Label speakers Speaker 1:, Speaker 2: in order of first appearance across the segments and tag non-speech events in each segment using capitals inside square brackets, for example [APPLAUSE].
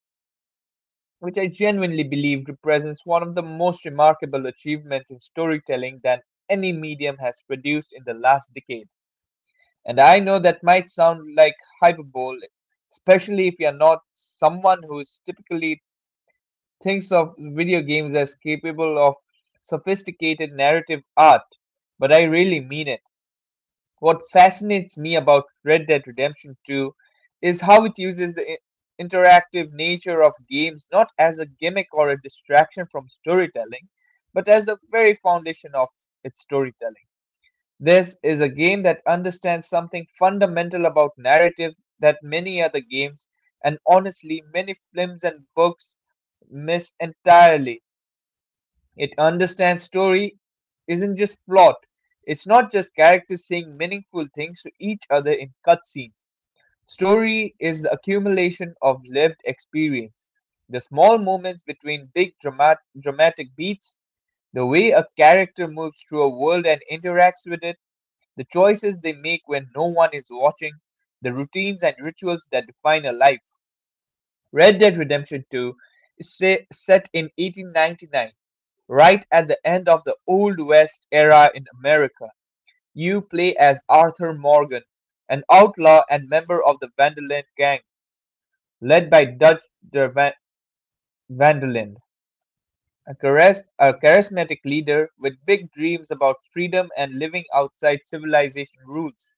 Speaker 1: 2, which I genuinely believe represents one of the most remarkable achievements in storytelling that any medium has produced in the last decade. And I know that might sound like hyperbole, especially if you're not someone who is typically thinks of video games as capable of sophisticated narrative art, but I really mean it. What fascinates me about Red Dead Redemption 2 is how it uses the interactive nature of games not as a gimmick or a distraction from storytelling, but as the very foundation of its storytelling. This is a game that understands something fundamental about narrative that many other games, and honestly many films and books, miss entirely. It understands story isn't just plot. It's not just characters saying meaningful things to each other in cutscenes. Story is the accumulation of lived experience: the small moments between big dramatic beats, the way a character moves through a world and interacts with it, the choices they make when no one is watching, the routines and rituals that define a life. Red Dead Redemption 2 is set in 1899, right at the end of the Old West era in America. You play as Arthur Morgan, an outlaw and member of the Vanderland gang, led by Dutch de Van- Vanderland, a charismatic leader with big dreams about freedom and living outside civilization rules.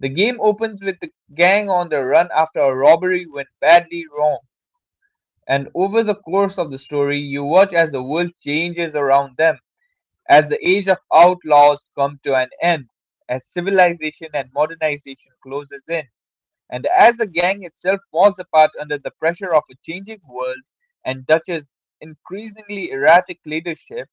Speaker 1: The game opens with the gang on the run after a robbery went badly wrong, and over the course of the story, you watch as the world changes around them, as the age of outlaws come to an end, as civilization and modernization closes in, and as the gang itself falls apart under the pressure of a changing world and Dutch's increasingly erratic leadership.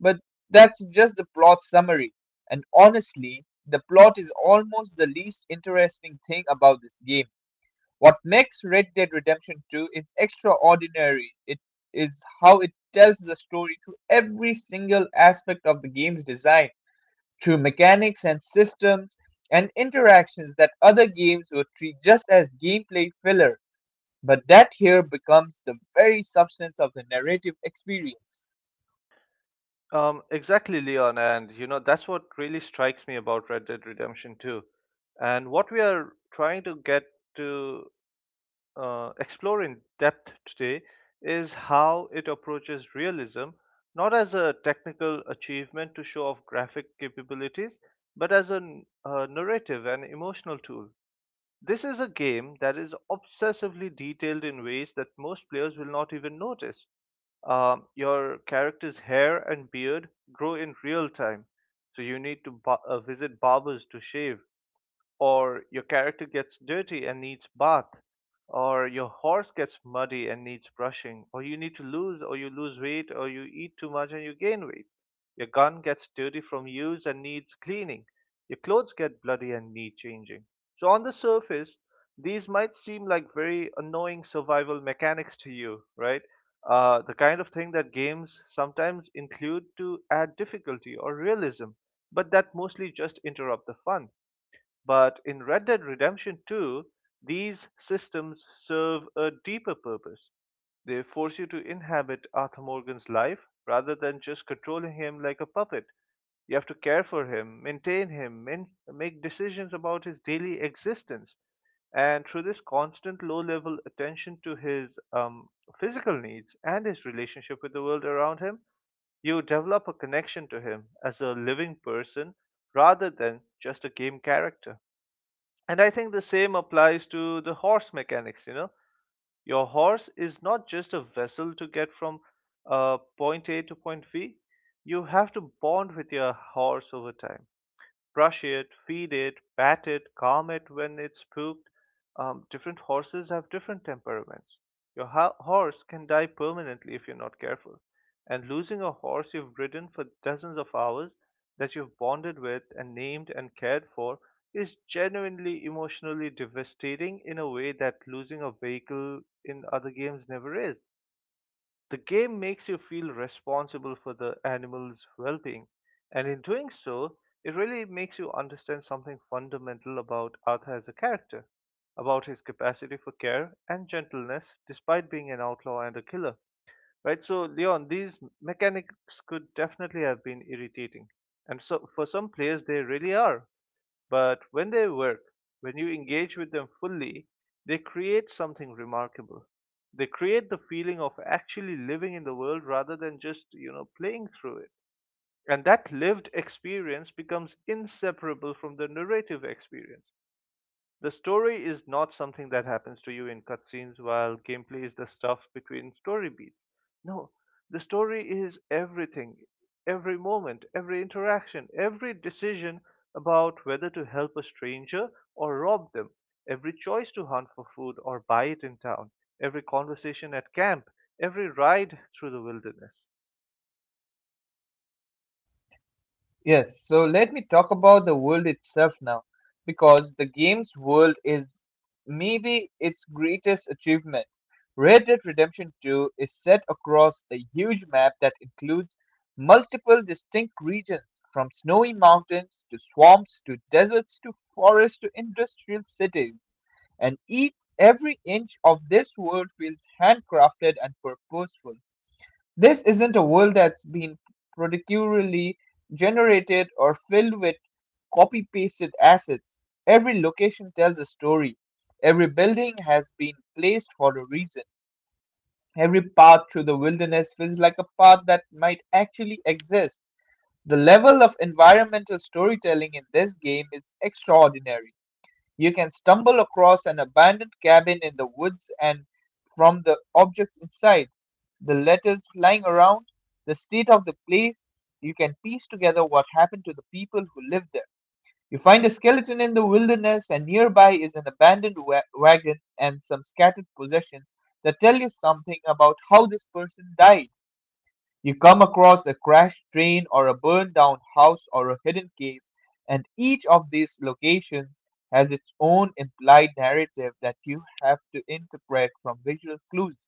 Speaker 1: But that's just the plot summary. And honestly, the plot is almost the least interesting thing about this game. What makes Red Dead Redemption 2 is extraordinary. It is how it tells the story through every single aspect of the game's design, through mechanics and systems and interactions that other games would treat just as gameplay filler, but that here becomes the very substance of the narrative experience.
Speaker 2: Exactly, Leon, and you know that's what really strikes me about Red Dead Redemption 2. And what we are trying to get to explore in depth today is how it approaches realism, not as a technical achievement to show off graphic capabilities, but as a narrative and emotional tool. This is a game that is obsessively detailed in ways that most players will not even notice. Your character's hair and beard grow in real time, so you need to visit barbers to shave, or your character gets dirty and needs bath, or your horse gets muddy and needs brushing, or you need to lose weight, or you eat too much and you gain weight. Your gun gets dirty from use and needs cleaning. Your clothes get bloody and need changing. So on the surface, these might seem like very annoying survival mechanics to you, right? The kind of thing that games sometimes include to add difficulty or realism, but that mostly just interrupt the fun. But in Red Dead Redemption 2, these systems serve a deeper purpose. They force you to inhabit Arthur Morgan's life rather than just controlling him like a puppet. You have to care for him, maintain him, make decisions about his daily existence. And through this constant low level attention to his physical needs and his relationship with the world around him, you develop a connection to him as a living person rather than just a game character. And I think the same applies to the horse mechanics, you know. Your horse is not just a vessel to get from point A to point B. You have to bond with your horse over time, brush it, feed it, pat it, calm it when it's spooked. Different horses have different temperaments. Your horse can die permanently if you're not careful. And losing a horse you've ridden for dozens of hours, that you've bonded with and named and cared for, is genuinely emotionally devastating in a way that losing a vehicle in other games never is. The game makes you feel responsible for the animal's well being, and in doing so, it really makes you understand something fundamental about Arthur as a character, about his capacity for care and gentleness despite being an outlaw and a killer. Right, so Leon, these mechanics could definitely have been irritating, and so for some players, they really are. But when they work, when you engage with them fully, they create something remarkable. They create the feeling of actually living in the world rather than just, you know, playing through it. And that lived experience becomes inseparable from the narrative experience. The story is not something that happens to you in cutscenes while gameplay is the stuff between story beats. No, the story is everything, every moment, every interaction, every decision about whether to help a stranger or rob them, every choice to hunt for food or buy it in town, every conversation at camp, every ride through the wilderness.
Speaker 1: Yes, so let me talk about the world itself now, because the game's world is maybe its greatest achievement. Red Dead Redemption 2 is set across a huge map that includes multiple distinct regions, from snowy mountains to swamps to deserts to forests to industrial cities. And each, every inch of this world feels handcrafted and purposeful. This isn't a world that's been procedurally generated or filled with copy-pasted assets. Every location tells a story. Every building has been placed for a reason. Every path through the wilderness feels like a path that might actually exist. The level of environmental storytelling in this game is extraordinary. You can stumble across an abandoned cabin in the woods, and from the objects inside, the letters flying around, the state of the place, you can piece together what happened to the people who lived there. You find a skeleton in the wilderness, and nearby is an abandoned wagon and some scattered possessions that tell you something about how this person died. You come across a crashed train or a burned down house or a hidden cave, and each of these locations has its own implied narrative that you have to interpret from visual clues.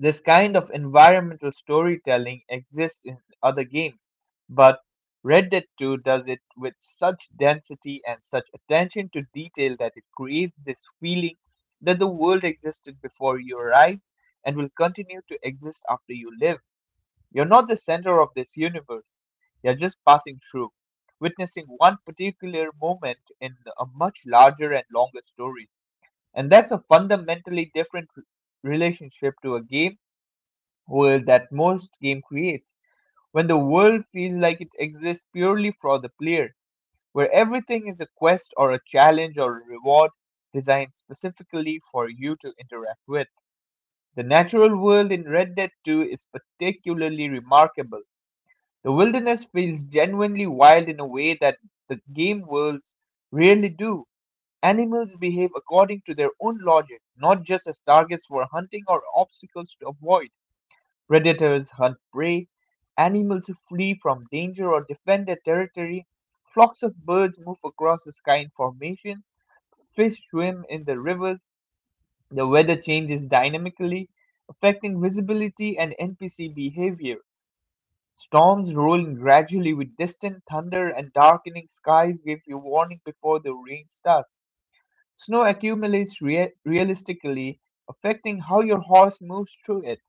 Speaker 1: This kind of environmental storytelling exists in other games, but Red Dead 2 does it with such density and such attention to detail that it creates this feeling that the world existed before you arrived and will continue to exist after you live. You're not the center of this universe. You're just passing through, witnessing one particular moment in a much larger and longer story. And that's a fundamentally different relationship to a game world that most game creates, when the world feels like it exists purely for the player, where everything is a quest or a challenge or a reward designed specifically for you to interact with. The natural world in Red Dead 2 is particularly remarkable. The wilderness feels genuinely wild in a way that the game worlds rarely do. Animals behave according to their own logic, not just as targets for hunting or obstacles to avoid. Predators hunt prey, animals who flee from danger or defend their territory, flocks of birds move across the sky in formations, fish swim in the rivers, the weather changes dynamically, affecting visibility and NPC behavior. Storms rolling gradually with distant thunder and darkening skies give you warning before the rain starts. Snow accumulates realistically, affecting how your horse moves through it.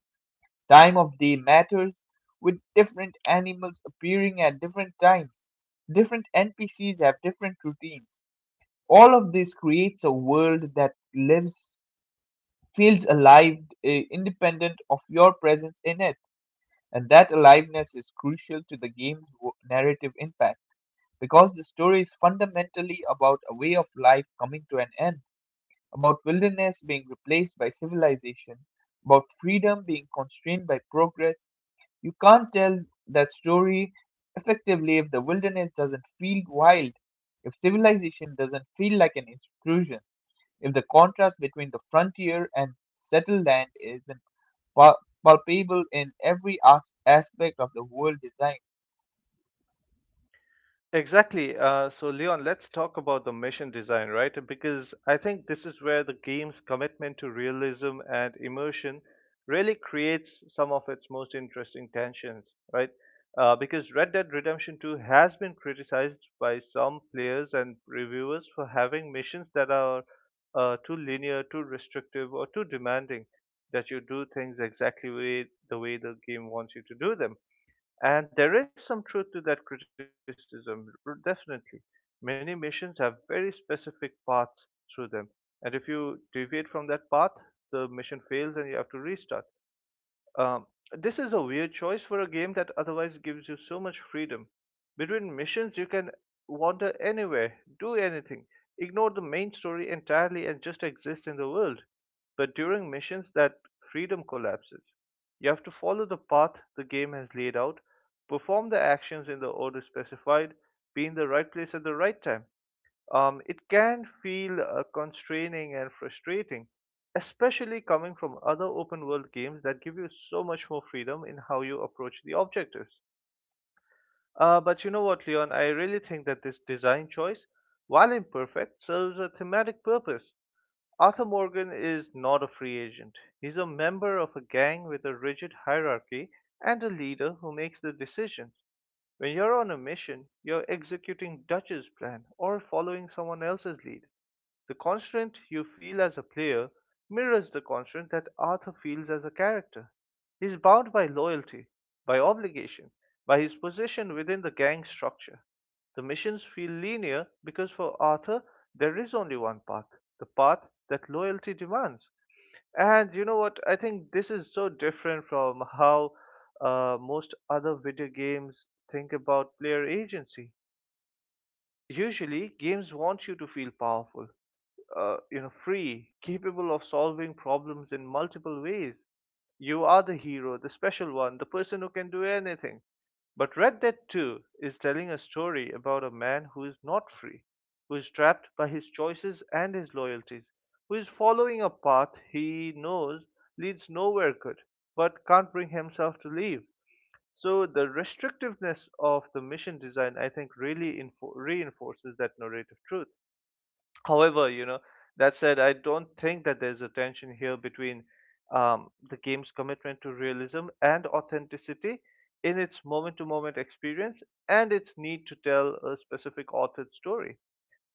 Speaker 1: Time of day matters, with different animals appearing at different times. Different NPCs have different routines. All of this creates a world that lives, feels alive, independent of your presence in it. And that aliveness is crucial to the game's narrative impact, because the story is fundamentally about a way of life coming to an end, about wilderness being replaced by civilization, about freedom being constrained by progress. You can't tell that story effectively if the wilderness doesn't feel wild, if civilization doesn't feel like an intrusion, if the contrast between the frontier and settled land isn't palpable in every aspect of the world design.
Speaker 2: Exactly. So, Leon, let's talk about the mission design, right? Because I think this is where the game's commitment to realism and immersion really creates some of its most interesting tensions, right? Because Red Dead Redemption 2 has been criticized by some players and reviewers for having missions that are too linear, too restrictive, or too demanding, that you do things the way the game wants you to do them. And there is some truth to that criticism, definitely. Many missions have very specific paths through them, and if you deviate from that path, the mission fails and you have to restart. Um, this is a weird choice for a game that otherwise gives you so much freedom. Between missions, you can wander anywhere, do anything, ignore the main story entirely, and just exist in the world. But during missions, that freedom collapses. You have to follow the path the game has laid out, perform the actions in the order specified, be in the right place at the right time. It can feel constraining and frustrating, especially coming from other open world games that give you so much more freedom in how you approach the objectives. But you know what, Leon? I really think that this design choice, while imperfect, serves a thematic purpose. Arthur Morgan is not a free agent. He's a member of a gang with a rigid hierarchy and a leader who makes the decisions. When you're on a mission, you're executing Dutch's plan or following someone else's lead. The constraint you feel as a player mirrors the constraint that Arthur feels as a character. He is bound by loyalty, by obligation, by his position within the gang structure. The missions feel linear because for Arthur there is only one path, the path that loyalty demands. And you know what? I think this is so different from how most other video games think about player agency. Usually, games want you to feel powerful, you know, free, capable of solving problems in multiple ways. You are the hero, the special one, the person who can do anything. But Red Dead 2 is telling a story about a man who is not free, who is trapped by his choices and his loyalties, who is following a path he knows leads nowhere good, but can't bring himself to leave. So the restrictiveness of the mission design, I think, really reinforces that narrative truth. However, you know, that said, I don't think that there's a tension here between the game's commitment to realism and authenticity in its moment to moment experience, and its need to tell a specific authored story.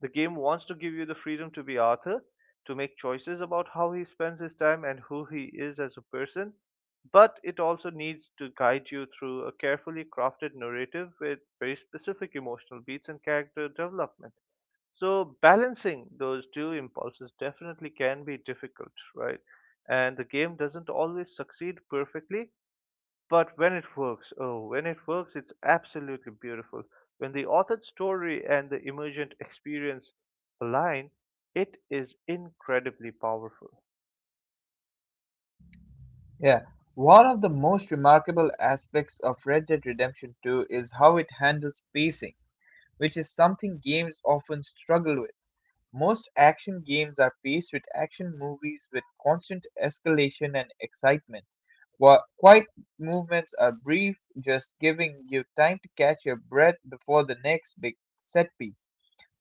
Speaker 2: The game wants to give you the freedom to be Arthur, to make choices about how he spends his time and who he is as a person, but it also needs to guide you through a carefully crafted narrative with very specific emotional beats and character development. So balancing those two impulses definitely can be difficult, right? And the game doesn't always succeed perfectly, but when it works, oh, when it works, it's absolutely beautiful. When the authored story and the emergent experience align, it is incredibly powerful.
Speaker 1: Yeah. One of the most remarkable aspects of Red Dead Redemption 2 is how it handles pacing, which is something games often struggle with. Most action games are paced with action movies, with constant escalation and excitement, while quiet movements are brief, just giving you time to catch your breath before the next big set piece.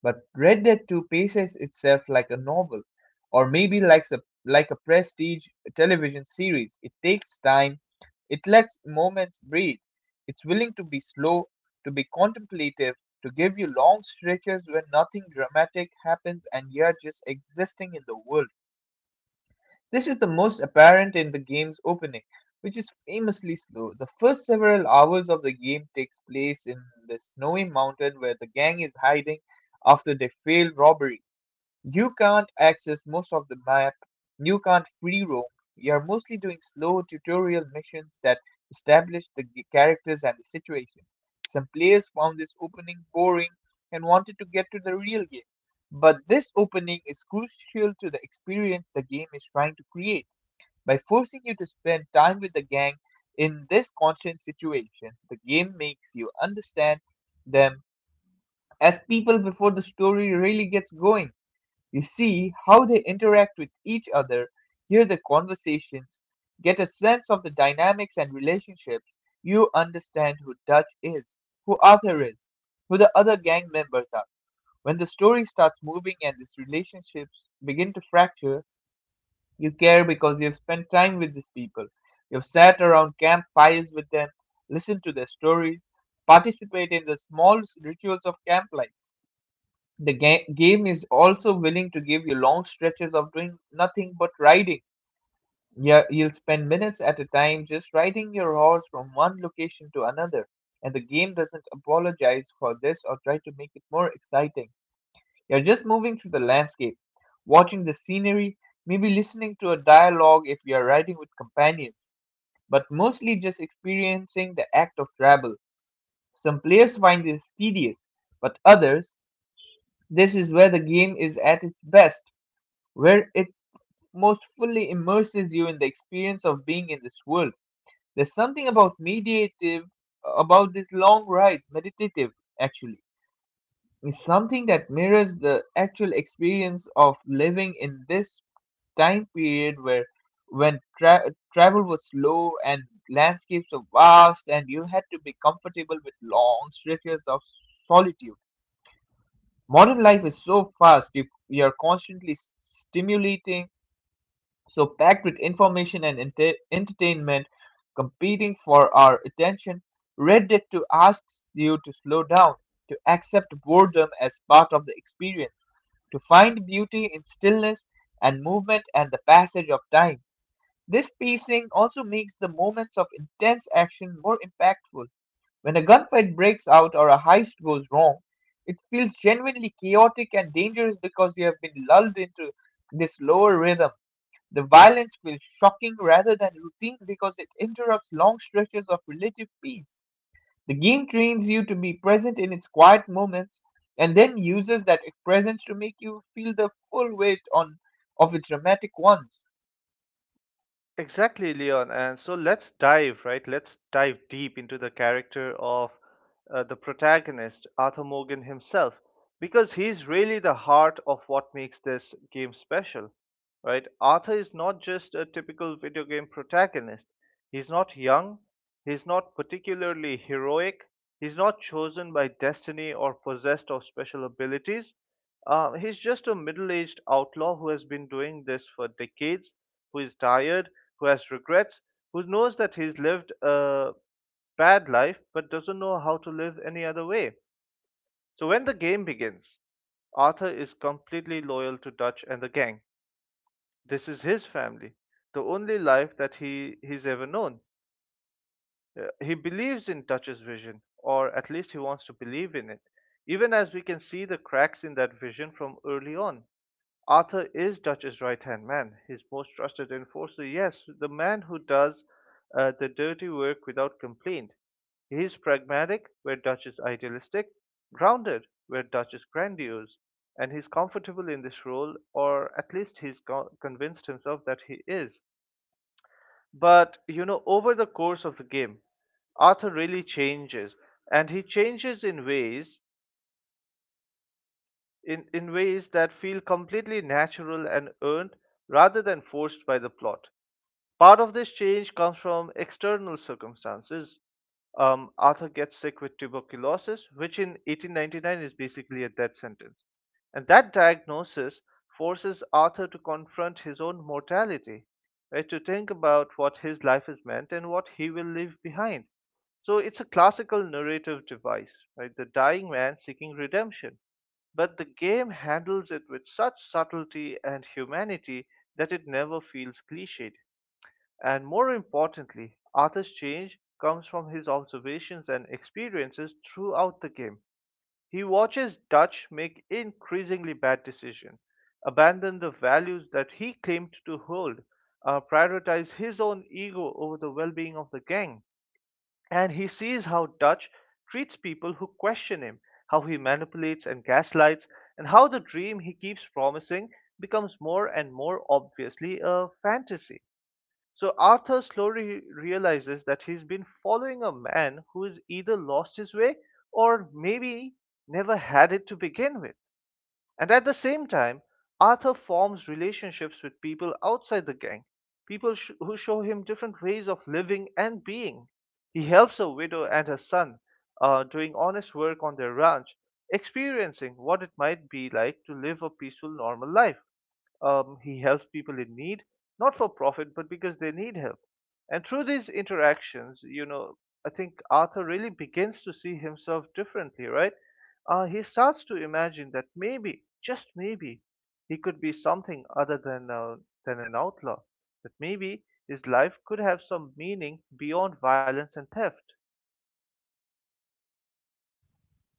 Speaker 1: But Red Dead 2 paces itself like a novel, or maybe like a prestige television series. It takes time, it lets moments breathe. It's willing to be slow, to be contemplative, to give you long stretches when nothing dramatic happens and you're just existing in the world. This is the most apparent in the game's opening, which is famously slow. The first several hours of the game takes place in the snowy mountain where the gang is hiding after their failed robbery. You can't access most of the map, you can't free roam, you're mostly doing slow tutorial missions that establish the characters and the situation. Some players found this opening boring and wanted to get to the real game, but this opening is crucial to the experience the game is trying to create. By forcing you to spend time with the gang in this constant situation, the game makes you understand them as people before the story really gets going. You see how they interact with each other, hear the conversations, get a sense of the dynamics and relationships. You understand who Dutch is, who Arthur is, who the other gang members are. When the story starts moving and these relationships begin to fracture, you care because you've spent time with these people. You've sat around campfires with them, listened to their stories, participated in the small rituals of camp life. The game is also willing to give you long stretches of doing nothing but riding. Yeah, you'll spend minutes at a time just riding your horse from one location to another, and the game doesn't apologize for this or try to make it more exciting. You're just moving through the landscape, watching the scenery, maybe listening to a dialogue if you're riding with companions, but mostly just experiencing the act of travel. Some players find this tedious, but others, this is where the game is at its best, where it most fully immerses you in the experience of being in this world. There's something about mediative, about these long rides, meditative actually. It's something that mirrors the actual experience of living in this time period where when travel was slow and landscapes were vast and you had to be comfortable with long stretches of solitude. Modern life is so fast, you are constantly stimulating, so packed with information and entertainment competing for our attention, Red Dead 2 asks you to slow down, to accept boredom as part of the experience, to find beauty in stillness and movement and the passage of time. This pacing also makes the moments of intense action more impactful. When a gunfight breaks out or a heist goes wrong, it feels genuinely chaotic and dangerous because you have been lulled into this lower rhythm. The violence feels shocking rather than routine because it interrupts long stretches of relative peace. The game trains you to be present in its quiet moments and then uses that presence to make you feel the full weight on of its dramatic ones.
Speaker 2: Exactly, Leon. And so let's dive, right? Let's dive deep into the character of the protagonist, Arthur Morgan himself. Because he's really the heart of what makes this game special, right? Arthur is not just a typical video game protagonist. He's not young, he's not particularly heroic, he's not chosen by destiny or possessed of special abilities. He's just a middle aged outlaw who has been doing this for decades, who is tired, who has regrets, who knows that he's lived a bad life but doesn't know how to live any other way. So when the game begins, Arthur is completely loyal to Dutch and the gang. This is his family, the only life that he's ever known. He believes in Dutch's vision, or at least he wants to believe in it, even as we can see the cracks in that vision from early on. Arthur is Dutch's right hand man, his most trusted enforcer, yes, the man who does the dirty work without complaint. He is pragmatic where Dutch is idealistic, grounded where Dutch is grandiose, and he's comfortable in this role, or at least he's convinced himself that he is. But, you know, over the course of the game, Arthur really changes, and he changes in ways that feel completely natural and earned rather than forced by the plot. Part of this change comes from external circumstances. Arthur gets sick with tuberculosis, which in 1899 is basically a death sentence. And that diagnosis forces Arthur to confront his own mortality, right, to think about what his life is meant and what he will leave behind. So it's a classical narrative device, right? The dying man seeking redemption, but the game handles it with such subtlety and humanity that it never feels cliched. And more importantly, Arthur's change comes from his observations and experiences throughout the game. He watches Dutch make increasingly bad decisions, abandon the values that he claimed to hold, prioritize his own ego over the well being of the gang. And he sees how Dutch treats people who question him, how he manipulates and gaslights, and how the dream he keeps promising becomes more and more obviously a fantasy. So Arthur slowly realizes that he's been following a man who has either lost his way or maybe never had it to begin with. And at the same time, Arthur forms relationships with people outside the gang, people who show him different ways of living and being. He helps a widow and her son doing honest work on their ranch, experiencing what it might be like to live a peaceful, normal life. He helps people in need, not for profit, but because they need help. And through these interactions, I think Arthur really begins to see himself differently, right? He starts to imagine that maybe, just maybe, he could be something other than an outlaw. That maybe his life could have some meaning beyond violence and theft.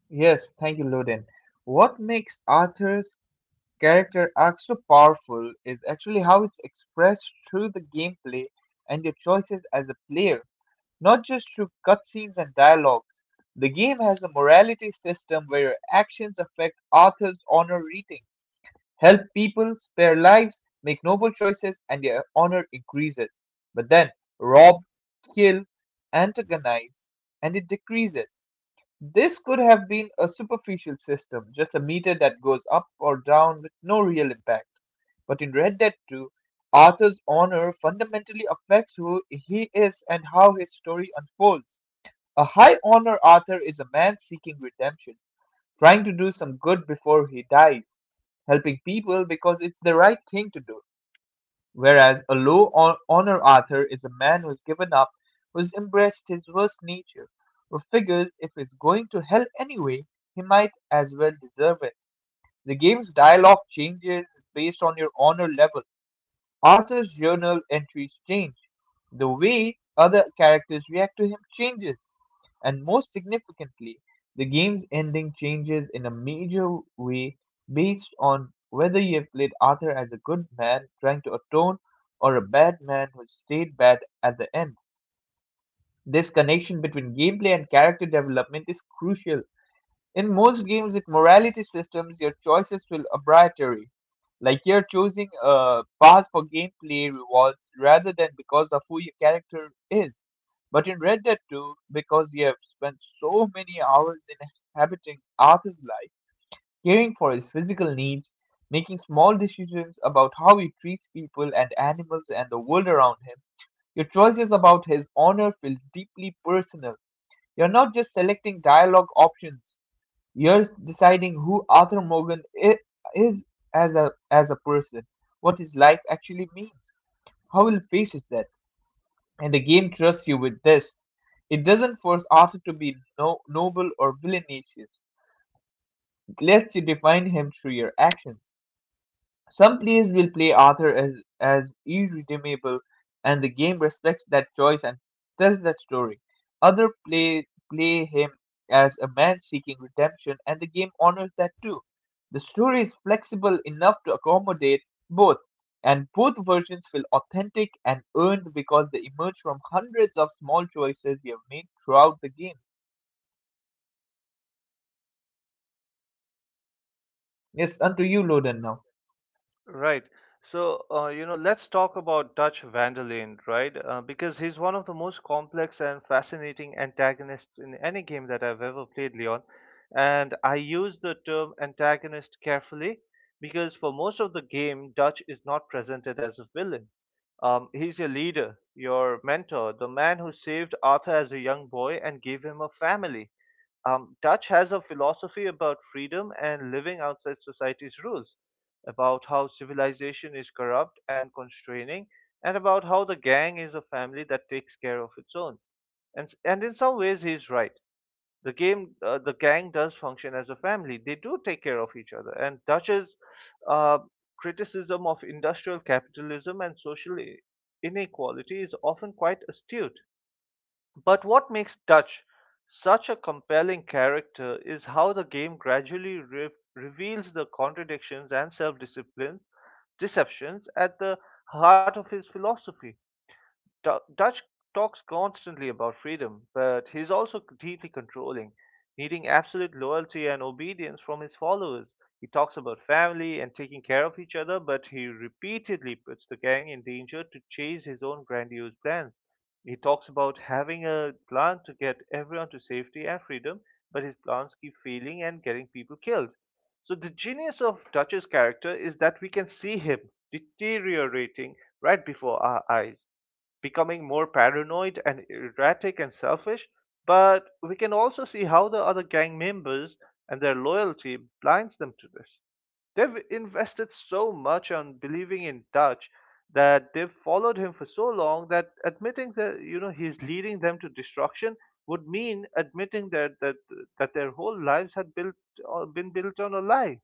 Speaker 1: Yes, thank you, Loden. What makes Arthur's character arc so powerful is actually how it's expressed through the gameplay and your choices as a player. Not just through cutscenes and dialogues, the game has a morality system where your actions affect Arthur's honor rating, help people spare lives, make noble choices, and your honor increases. But then rob, kill, antagonize, and it decreases. This could have been a superficial system, just a meter that goes up or down with no real impact. But in Red Dead 2, Arthur's honor fundamentally affects who he is and how his story unfolds. A high honor Arthur is a man seeking redemption, trying to do some good before he dies, helping people because it's the right thing to do. Whereas a honor author is a man who's given up, who's embraced his worst nature, who figures if he's going to hell anyway, he might as well deserve it. The game's dialogue changes based on your honor level. Arthur's journal entries change. The way other characters react to him changes and, most significantly, the game's ending changes in a major way based on whether you have played Arthur as a good man trying to atone or a bad man who stayed bad at the end. This connection between gameplay and character development is crucial. In most games with morality systems, your choices feel arbitrary, like you're choosing a path for gameplay rewards rather than because of who your character is. But in Red Dead 2, because you have spent so many hours inhabiting Arthur's life, caring for his physical needs, making small decisions about how he treats people and animals and the world around him, your choices about his honor feel deeply personal. You're not just selecting dialogue options years deciding who is as a person, what his life actually means, how he faces death, and the game trusts you with this. It doesn't force Arthur to be noble or villainous. It lets you define him through your actions. Some players will play Arthur as irredeemable, and the game respects that choice and tells that story. Other play him as a man seeking redemption, and the game honors that too. The story is flexible enough to accommodate both, and both versions feel authentic and earned because they emerge from hundreds of small choices you have made throughout the game. Yes, unto you, Loden, now.
Speaker 2: Right. So, let's talk about Dutch Vanderlyn, right? Because he's one of the most complex and fascinating antagonists in any game that I've ever played, Leon. And I use the term antagonist carefully because for most of the game, Dutch is not presented as a villain. He's your leader, your mentor, the man who saved Arthur as a young boy and gave him a family. Dutch has a philosophy about freedom and living outside society's rules, about how civilization is corrupt and constraining, and about how the gang is a family that takes care of its own. And in some ways, he's right. The game the gang does function as a family. They do take care of each other, and Dutch's uh, criticism of industrial capitalism and social inequality is often quite astute. But what makes Dutch such a compelling character is how the game gradually reveals the contradictions and self-discipline deceptions at the heart of his philosophy. Dutch talks constantly about freedom, but he's also deeply controlling, needing absolute loyalty and obedience from his followers. He talks about family and taking care of each other, but he repeatedly puts the gang in danger to chase his own grandiose plans. He talks about having a plan to get everyone to safety and freedom, but his plans keep failing and getting people killed. So the genius of Dutch's character is that we can see him deteriorating right before our eyes, becoming more paranoid and erratic and selfish, but we can also see how the other gang members and their loyalty blinds them to this. They've invested so much on believing in Dutch, that they've followed him for so long, that admitting that he's leading them to destruction would mean admitting that their whole lives had built been built on a lie.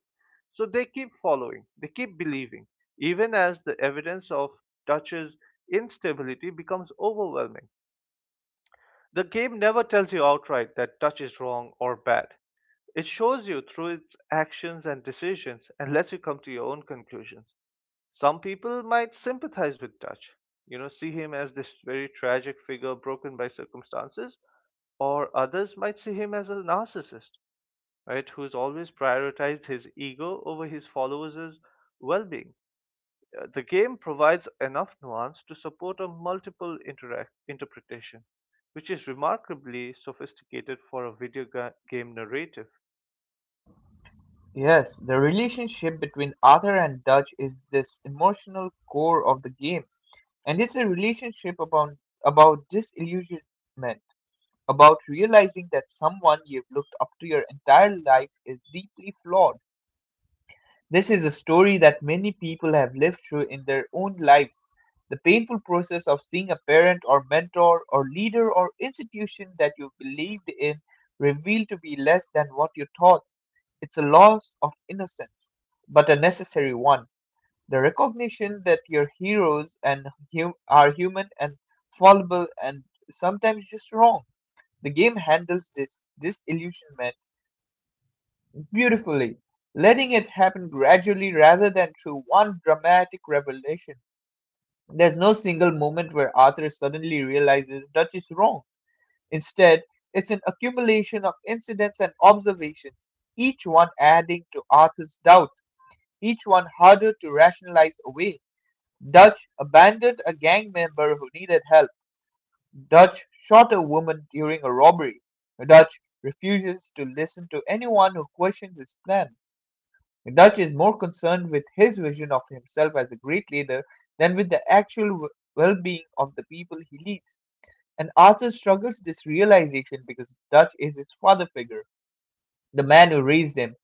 Speaker 2: So they keep following, they keep believing, even as the evidence of Dutch's instability becomes overwhelming. The game never tells you outright that Dutch is wrong or bad. It shows you through its actions and decisions and lets you come to your own conclusions. Some people might sympathize with Dutch, see him as this very tragic figure broken by circumstances, or others might see him as a narcissist, right, who's always prioritized his ego over his followers' well being. The game provides enough nuance to support a multiple interpretation, which is remarkably sophisticated for a video game narrative.
Speaker 1: Yes, the relationship between Arthur and Dutch is this emotional core of the game, and it's a relationship about disillusionment, about realizing that someone you've looked up to your entire life is deeply flawed. This is a story that many people have lived through in their own lives. The painful process of seeing a parent or mentor or leader or institution that you believed in revealed to be less than what you thought. It's a loss of innocence, but a necessary one. The recognition that your heroes and are human and fallible and sometimes just wrong. The game handles this disillusionment beautifully, letting it happen gradually rather than through one dramatic revelation. There's no single moment where Arthur suddenly realizes Dutch is wrong. Instead, it's an accumulation of incidents and observations, each one adding to Arthur's doubt, each one harder to rationalize away. Dutch abandoned a gang member who needed help. Dutch shot a woman during a robbery. Dutch refuses to listen to anyone who questions his plan. Dutch is more concerned with his vision of himself as a great leader than with the actual well being of the people he leads. And Arthur struggles this realization because Dutch is his father figure. The man who raised him.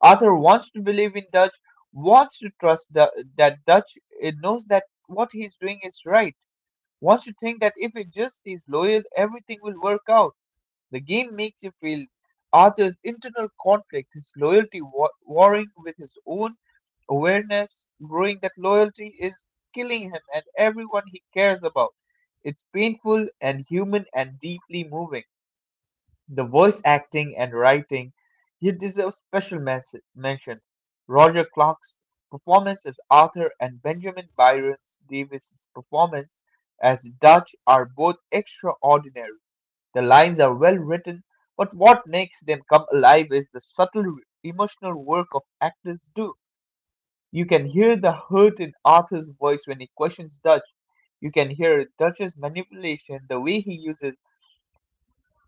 Speaker 1: Arthur wants to believe in Dutch, wants to trust that Dutch knows that what he's doing is right, wants to think that if he just is loyal, everything will work out. The game makes you feel Arthur's internal conflict, his warring with his own awareness, growing that loyalty is killing him and everyone he cares about. It's painful and human and deeply moving. The voice acting and writing here deserve mention. Roger Clark's performance as Arthur and Benjamin Byron Davis's performance as Dutch are both extraordinary. The lines are well written, but what makes them come alive is the emotional work of actors do. You can hear the hurt in Arthur's voice when he questions Dutch. You can hear Dutch's manipulation, the way he uses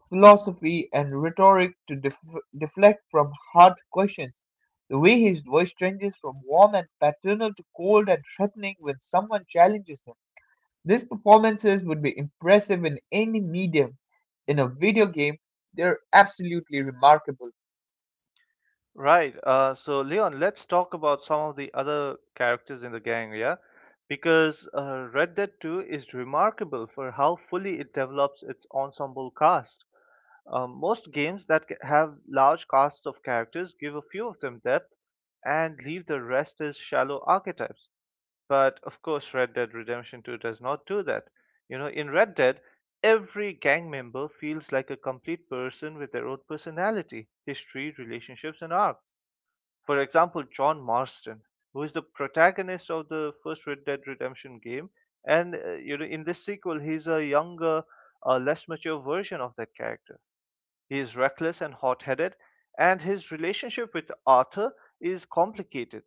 Speaker 1: philosophy and rhetoric to deflect from hard questions. The way his voice changes from warm and paternal to cold and threatening when someone challenges him. These performances would be impressive in any medium. In a video game, they're absolutely remarkable.
Speaker 2: Right. So Leon, let's talk about some of the other characters in the gang, yeah? Because Red Dead 2 is remarkable for how fully it develops its ensemble cast. Most games that have large casts of characters give a few of them depth and leave the rest as shallow archetypes. But of course, Red Dead Redemption 2 does not do that. In Red Dead, every gang member feels like a complete person with their own personality, history, relationships, and arc. For example, John Marston, who is the protagonist of the first Red Dead Redemption game, and in this sequel, he's a younger, less mature version of that character. He is reckless and hot headed, and his relationship with Arthur is complicated,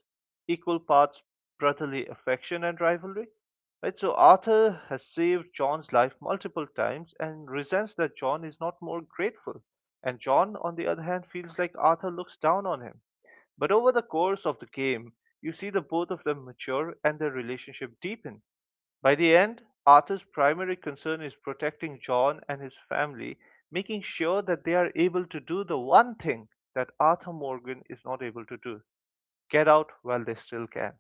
Speaker 2: equal parts brotherly affection and rivalry. Right? So, Arthur has saved John's life multiple times and resents that John is not more grateful. And John, on the other hand, feels like Arthur looks down on him. But over the course of the game, you see the both of them mature and their relationship deepen. By the end, Arthur's primary concern is protecting John and his family, making sure that they are able to do the one thing that Arthur Morgan is not able to do: get out while they still can.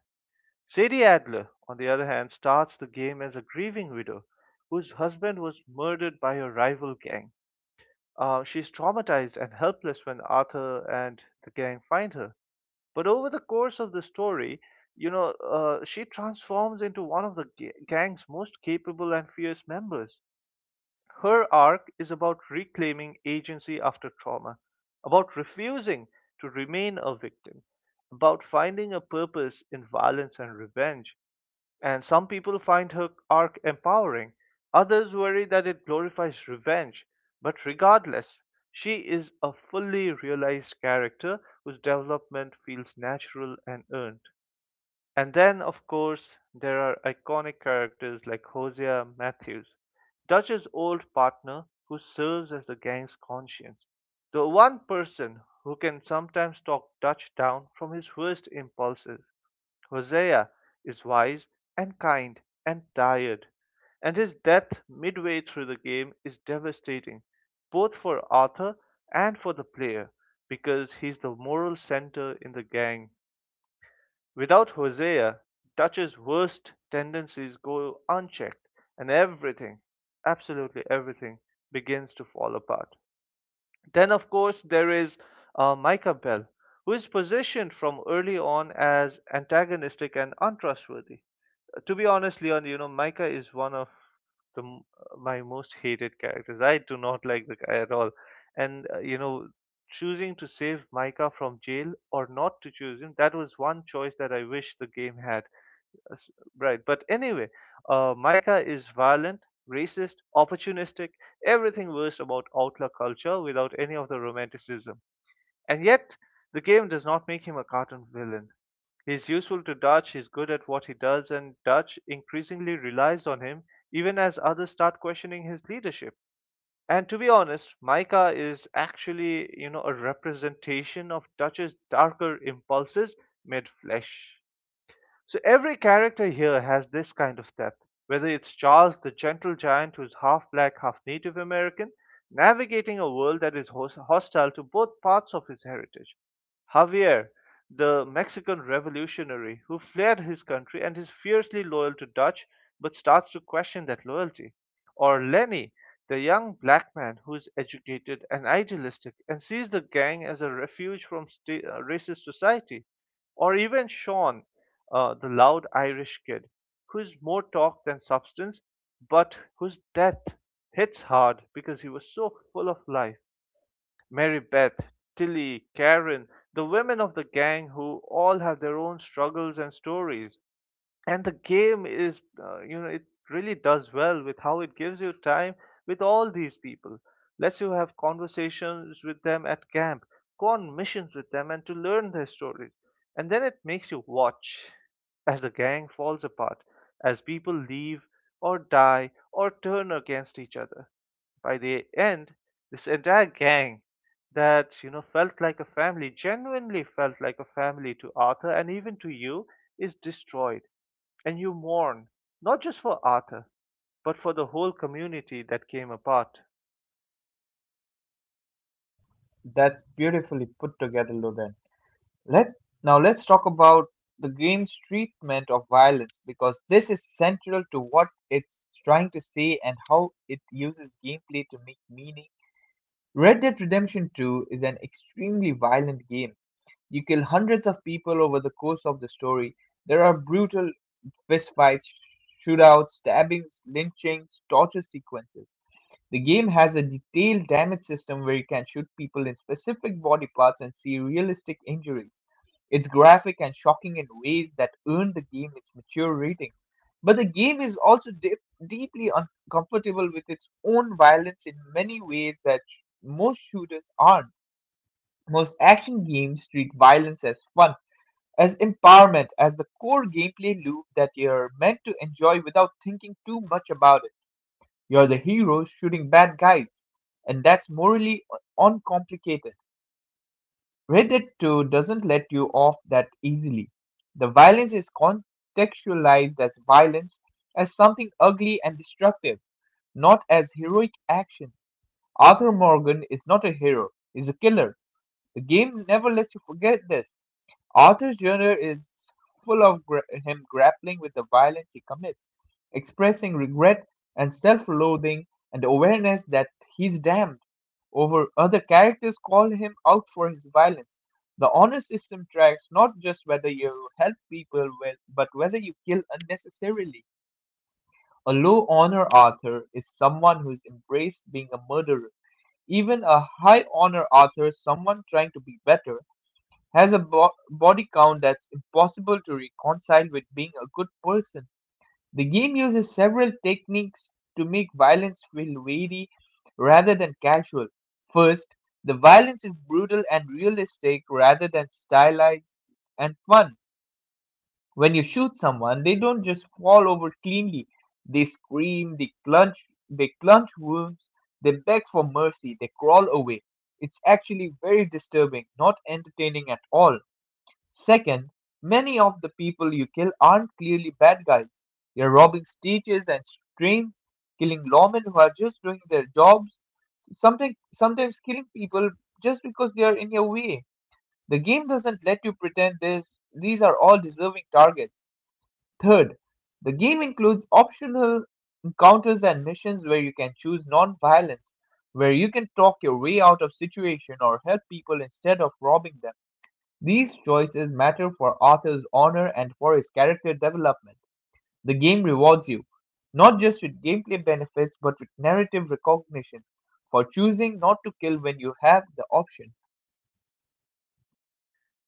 Speaker 2: Sadie Adler, on the other hand, starts the game as a grieving widow whose husband was murdered by a rival gang. She's traumatized and helpless when Arthur and the gang find her. But over the course of the story, she transforms into one of the gang's most capable and fierce members. Her arc is about reclaiming agency after trauma, about refusing to remain a victim, about finding a purpose in violence and revenge, and some people find her arc empowering, others worry that it glorifies revenge. But regardless, she is a fully realized character whose development feels natural and earned. And then, of course, there are iconic characters like Hosea Matthews, Dutch's old partner who serves as the gang's conscience. The one person who can sometimes talk Dutch down from his worst impulses. Hosea is wise and kind and tired, and his death midway through the game is devastating, both for Arthur and for the player, because he's the moral center in the gang. Without Hosea, Dutch's worst tendencies go unchecked, and everything, absolutely everything, begins to fall apart. Then, of course, there is Micah Bell, who is positioned from early on as antagonistic and untrustworthy. To be honest, Leon, Micah is one of my most hated characters. I do not [LAUGHS] like the guy at all. And choosing to save Micah from jail or not to choose him, that was one choice that I wish the game had. Uh, s- Right. But anyway, Micah is violent, racist, opportunistic, everything worst about outlaw culture without any of the romanticism. And yet, the game does not make him a cartoon villain. He's useful to Dutch, he's good at what he does, and Dutch increasingly relies on him even as others start questioning his leadership. And to be honest, Micah is actually, a representation of Dutch's darker impulses made flesh. So every character here has this kind of depth, whether it's Charles, the gentle giant who's half black, half Native American, navigating a world that is hostile to both parts of his heritage. Javier, the Mexican revolutionary who fled his country and is fiercely loyal to Dutch but starts to question that loyalty. Or Lenny, the young black man who is educated and idealistic and sees the gang as a refuge from racist society. Or even Sean, the loud Irish kid, who is more talk than substance, but whose death hits hard because he was so full of life. Mary Beth, Tilly, Karen, the women of the gang who all have their own struggles and stories. And the game is it really does well with how it gives you time with all these people, lets you have conversations with them at camp, go on missions with them and to learn their stories. And then it makes you watch as the gang falls apart, as people leave or die or turn against each other. By the end, this entire gang that felt like a family, genuinely felt like a family to Arthur and even to you, is destroyed. And you mourn, not just for Arthur, but for the whole community that came apart.
Speaker 1: That's beautifully put together, Loden. Let Now let's talk about the game's treatment of violence because this is central to what it's trying to say and how it uses gameplay to make meaning. Red Dead Redemption 2 is an extremely violent game. You kill hundreds of people over the course of the story. There are brutal fistfights, shootouts, stabbings, lynchings, torture sequences. The game has a detailed damage system where you can shoot people in specific body parts and see realistic injuries. It's graphic and shocking in ways that earn the game its mature rating. But the game is also deeply uncomfortable with its own violence in many ways that most shooters aren't. Most action games treat violence as fun, as empowerment, as the core gameplay loop that you're meant to enjoy without thinking too much about it. You're the heroes shooting bad guys, and that's morally uncomplicated. Red Dead 2 doesn't let you off that easily. The violence is contextualized as violence, as something ugly and destructive, not as heroic action. Arthur Morgan is not a hero, he's a killer. The game never lets you forget this. Arthur's journal is full of him grappling with the violence he commits, expressing regret and self loathing and awareness that he's damned. Over other characters call him out for his violence. The honor system tracks not just whether you help people well, but whether you kill unnecessarily. A low honor Arthur is someone who's embraced being a murderer. Even a high honor Arthur is someone trying to be better has a body count that's impossible to reconcile with being a good person. The game uses several techniques to make violence feel weighty rather than casual. First, the violence is brutal and realistic rather than stylized and fun. When you shoot someone, they don't just fall over cleanly. They scream, they clutch wounds, they beg for mercy, they crawl away. It's actually very disturbing, not entertaining at all. Second, many of the people you kill aren't clearly bad guys. You're robbing stages and trains, killing lawmen who are just doing their jobs, something sometimes killing people just because they are in your way. The game doesn't let you pretend this these are all deserving targets. Third, the game includes optional encounters and missions where you can choose non-violence, where you can talk your way out of situation or help people instead of robbing them. These choices matter for Arthur's honor and for his character development. The game rewards you, not just with gameplay benefits, but with narrative recognition for choosing not to kill when you have the option.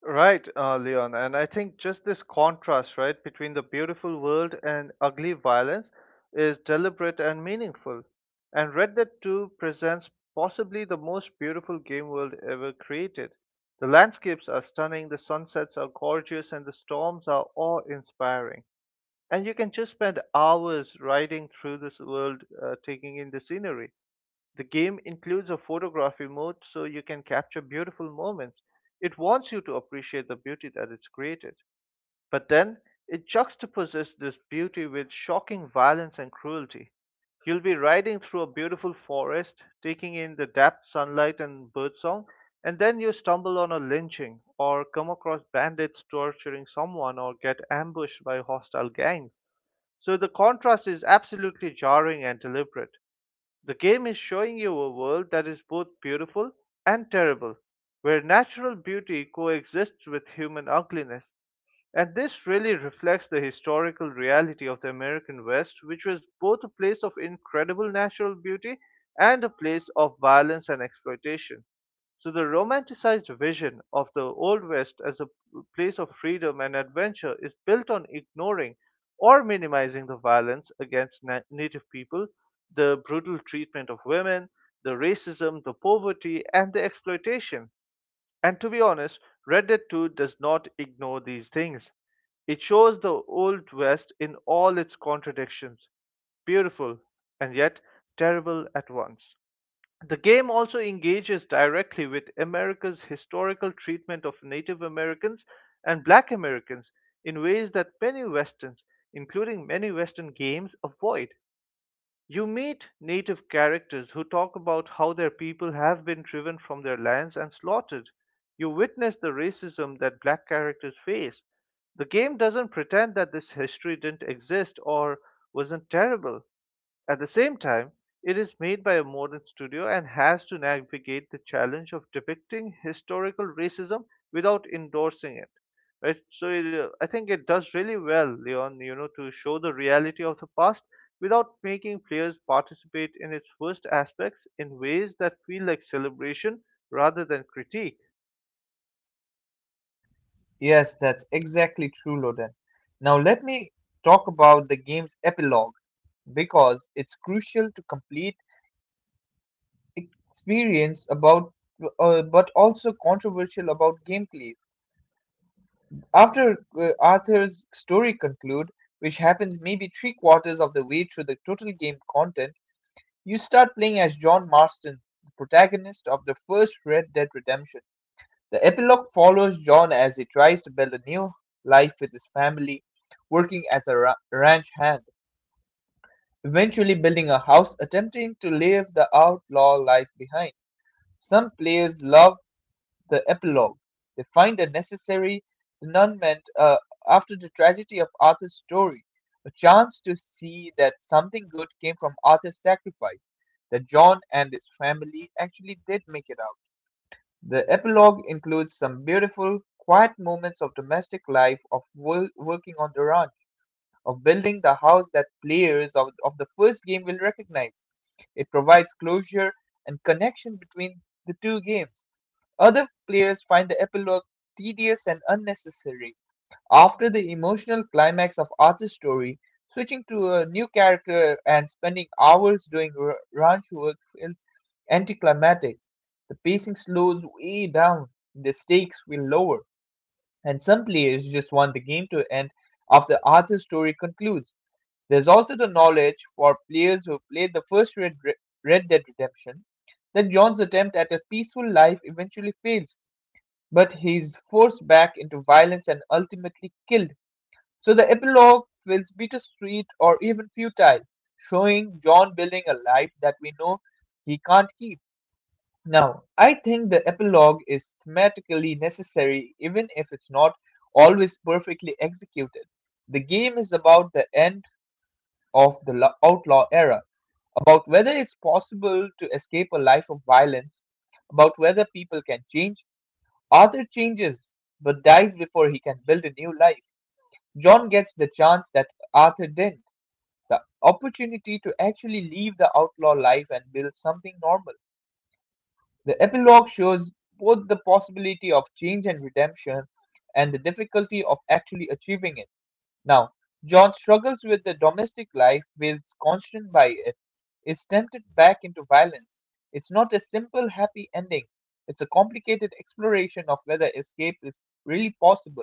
Speaker 2: Right, Leon. And I think just this contrast, right, between the beautiful world and ugly violence is deliberate and meaningful. And Red Dead 2 presents possibly the most beautiful game world ever created. The landscapes are stunning, the sunsets are gorgeous, and the storms are awe inspiring. And you can just spend hours riding through this world, taking in the scenery. The game includes a photography mode so you can capture beautiful moments. It wants you to appreciate the beauty that it's created. But then it juxtaposes this beauty with shocking violence and cruelty. You'll be riding through a beautiful forest, taking in the dappled sunlight and birdsong, and then you stumble on a lynching or come across bandits torturing someone or get ambushed by hostile gangs. So the contrast is absolutely jarring and deliberate. The game is showing you a world that is both beautiful and terrible, where natural beauty coexists with human ugliness. And this really reflects the historical reality of the American West, which was both a place of incredible natural beauty and a place of violence and exploitation. So the romanticized vision of the Old West as a place of freedom and adventure is built on ignoring or minimizing the violence against native people, the brutal treatment of women, the racism, the poverty, and the exploitation. And to be honest, Red Dead 2 does not ignore these things. It shows the Old West in all its contradictions, beautiful and yet terrible at once. The game also engages directly with America's historical treatment of Native Americans and Black Americans in ways that many Westerns, including many Western games, avoid. You meet Native characters who talk about how their people have been driven from their lands and slaughtered. You witness the racism that Black characters face. The game doesn't pretend that this history didn't exist or wasn't terrible. At the same time, it is made by a modern studio and has to navigate the challenge of depicting historical racism without endorsing it. Right? So I think it does really well, Leon, you know, to show the reality of the past without making players participate in its worst aspects in ways that feel like celebration rather than critique.
Speaker 1: Yes, that's exactly true, Loden. Now let me talk about the game's epilogue because it's crucial to complete experience about but also controversial about gameplays. After Arthur's story conclude, which happens maybe three-quarters of the way through the total game content, you start playing as John Marston, the protagonist of the first Red Dead Redemption. The epilogue follows John as he tries to build a new life with his family, working as a ranch hand, eventually building a house, attempting to leave the outlaw life behind. Some players love the epilogue, they find a necessary denouement after the tragedy of Arthur's story, a chance to see that something good came from Arthur's sacrifice, that John and his family actually did make it out. The epilogue includes some beautiful, quiet moments of domestic life, of working on the ranch, of building the house that players of the first game will recognize. It provides closure and connection between the two games. Other players find the epilogue tedious and unnecessary. After the emotional climax of Arthur's story, switching to a new character and spending hours doing ranch work feels anticlimactic. The pacing slows way down, the stakes feel lower, and some players just want the game to end after Arthur's story concludes. There's also the knowledge for players who played the Red Dead Redemption that John's attempt at a peaceful life eventually fails but he is forced back into violence and ultimately killed. So the epilogue feels bittersweet or even futile, showing John building a life that we know he can't keep. Now, I think the epilogue is thematically necessary even if it's not always perfectly executed. The game is about the end of the outlaw era, about whether it's possible to escape a life of violence, about whether people can change. Arthur changes, but dies before he can build a new life. John gets the chance that Arthur didn't, the opportunity to actually leave the outlaw life and build something normal. The epilogue shows both the possibility of change and redemption and the difficulty of actually achieving it. Now, John struggles with the domestic life, feels constrained by it, is tempted back into violence. It's not a simple happy ending, it's a complicated exploration of whether escape is really possible.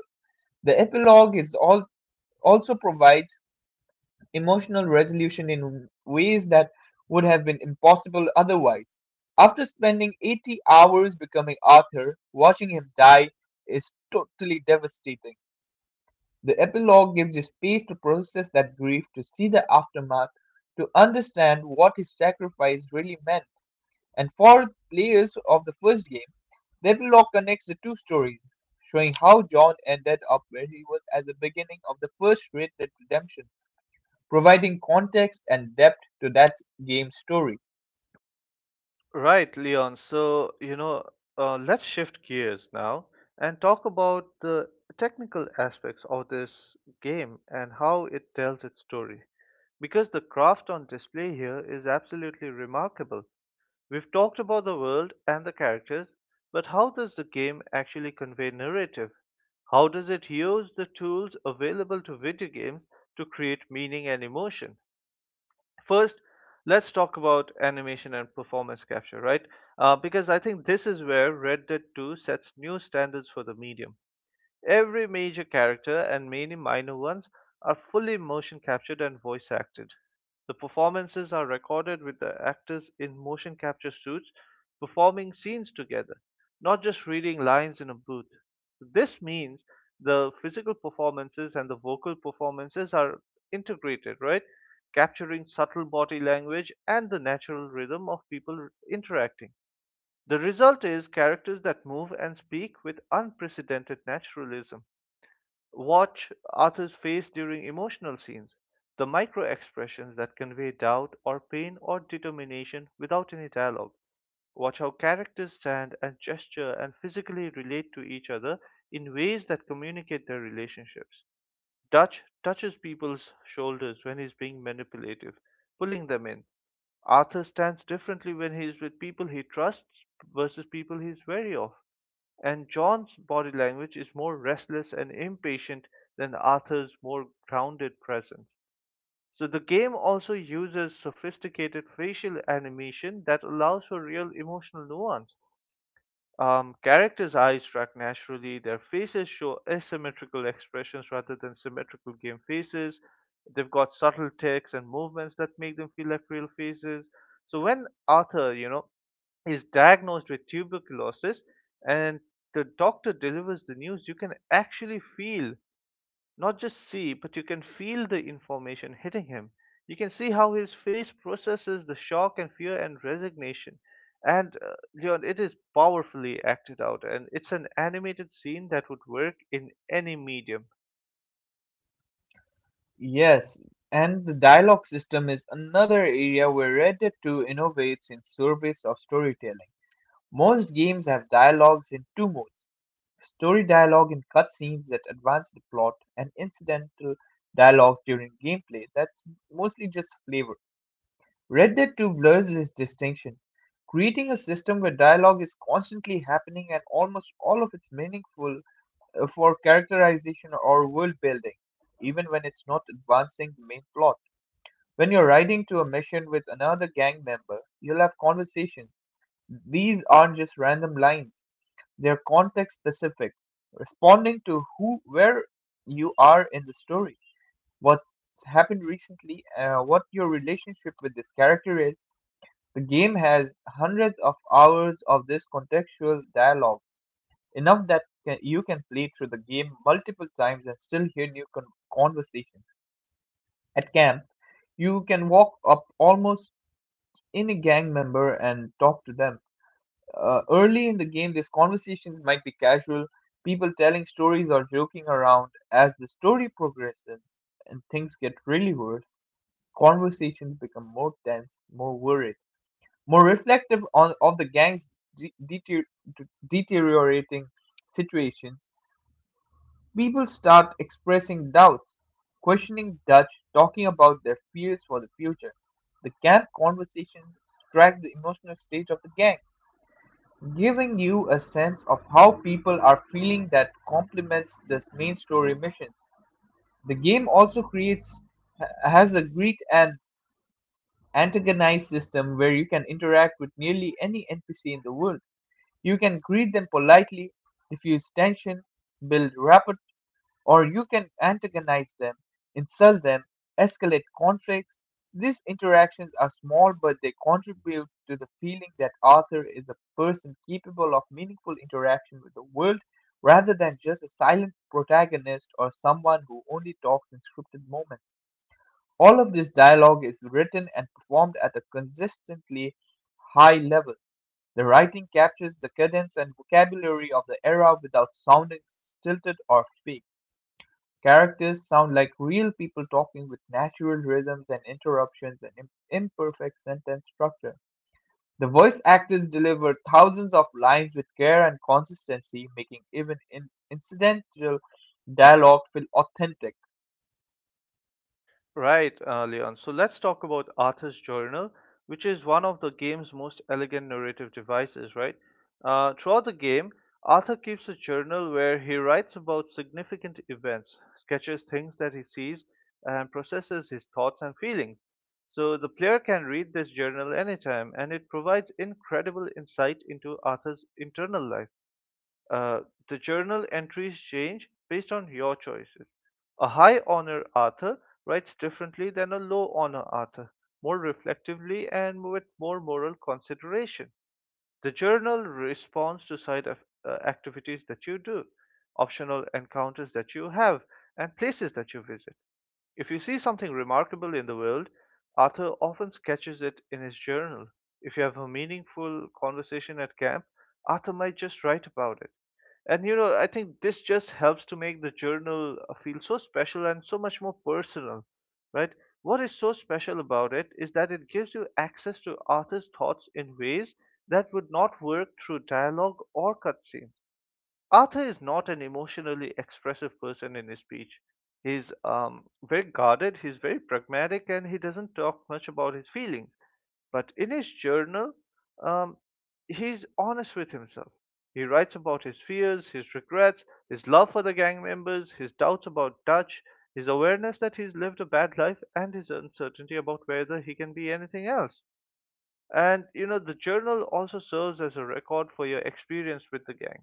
Speaker 1: The epilogue also provides emotional resolution in ways that would have been impossible otherwise. After spending 80 hours becoming Arthur, watching him die is totally devastating. The epilogue gives you space to process that grief, to see the aftermath, to understand what his sacrifice really meant. And for players of the first game, the epilogue connects the two stories, showing how John ended up where he was at the beginning of the first Red Dead Redemption, providing context and depth to that game's story.
Speaker 2: Right, Leon. So, you know, let's shift gears now and talk about the technical aspects of this game and how it tells its story. Because the craft on display here is absolutely remarkable. We've talked about the world and the characters, but how does the game actually convey narrative? How does it use the tools available to video games to create meaning and emotion? First, let's talk about animation and performance capture, right? Because I think this is where Red Dead 2 sets new standards for the medium. Every major character and many minor ones are fully motion captured and voice acted. The performances are recorded with the actors in motion capture suits performing scenes together, not just reading lines in a booth. So this means the physical performances and the vocal performances are integrated, right? Capturing subtle body language and the natural rhythm of people interacting. The result is characters that move and speak with unprecedented naturalism. Watch Arthur's face during emotional scenes, the micro expressions that convey doubt or pain or determination without any dialogue. Watch how characters stand and gesture and physically relate to each other in ways that communicate their relationships. Dutch touches people's shoulders when he's being manipulative, pulling them in. Arthur stands differently when he is with people he trusts versus people he's wary of. And John's body language is more restless and impatient than Arthur's more grounded presence. So the game also uses sophisticated facial animation that allows for real emotional nuance. Characters' eyes track naturally, their faces show asymmetrical expressions rather than symmetrical game faces. They've got subtle ticks and movements that make them feel like real faces. So when Arthur, you know, is diagnosed with tuberculosis and the doctor delivers the news, you can actually feel, not just see, but you can feel the information hitting him. You can see how his face processes the shock and fear and resignation. And Leon, it is powerfully acted out, and it's an animated scene that would work in any medium.
Speaker 1: Yes, and the dialogue system is another area where Red Dead 2 innovates in service of storytelling. Most games have dialogues in two modes: story dialogue in cutscenes that advance the plot, and incidental dialogue during gameplay that's mostly just flavor. Red Dead 2 blurs this distinction, creating a system where dialogue is constantly happening and almost all of it's meaningful for characterization or world building, even when it's not advancing the main plot. When you're riding to a mission with another gang member, you'll have conversations. These aren't just random lines. They are context-specific, responding to who, where you are in the story, what's happened recently, what your relationship with this character is. The game has hundreds of hours of this contextual dialogue, enough that you can play through the game multiple times and still hear new conversations. At camp, you can walk up almost any gang member and talk to them. Early in the game, these conversations might be casual, people telling stories or joking around. As the story progresses and things get really worse, conversations become more tense, more worried, more reflective on of the gang's de- deter- deteriorating situations. People start expressing doubts, questioning Dutch, talking about their fears for the future. The camp conversations track the emotional state of the gang, giving you a sense of how people are feeling that complements the main story missions. The game also creates has a great and antagonized system where you can interact with nearly any NPC in the world. You can greet them politely, diffuse tension, build rapport, or you can antagonize them, insult them, escalate conflicts. These interactions are small, but they contribute to the feeling that Arthur is a person capable of meaningful interaction with the world rather than just a silent protagonist or someone who only talks in scripted moments. All of this dialogue is written and performed at a consistently high level. The writing captures the cadence and vocabulary of the era without sounding stilted or fake. Characters sound like real people talking with natural rhythms and interruptions and imperfect sentence structure. The voice actors deliver thousands of lines with care and consistency, making even incidental dialogue feel authentic.
Speaker 2: Right, Leon. So let's talk about Arthur's Journal, which is one of the game's most elegant narrative devices, right? Throughout the game, Arthur keeps a journal where he writes about significant events, sketches things that he sees, and processes his thoughts and feelings. So the player can read this journal anytime, and it provides incredible insight into Arthur's internal life. Uh, the journal entries change based on your choices. A high honor author writes differently than a low honor author, more reflectively and with more moral consideration. The journal responds to activities that you do, optional encounters that you have, and places that you visit. If you see something remarkable in the world, Arthur often sketches it in his journal. If you have a meaningful conversation at camp, Arthur might just write about it. And you know, I think this just helps to make the journal feel so special and so much more personal, right? What is so special about it is that it gives you access to Arthur's thoughts in ways that would not work through dialogue or cutscenes. Arthur is not an emotionally expressive person in his speech. He's very guarded, he's very pragmatic, and he doesn't talk much about his feelings. But in his journal, um, he's honest with himself. He writes about his fears, his regrets, his love for the gang members, his doubts about Dutch, his awareness that he's lived a bad life, and his uncertainty about whether he can be anything else. And you know, the journal also serves as a record for your experience with the gang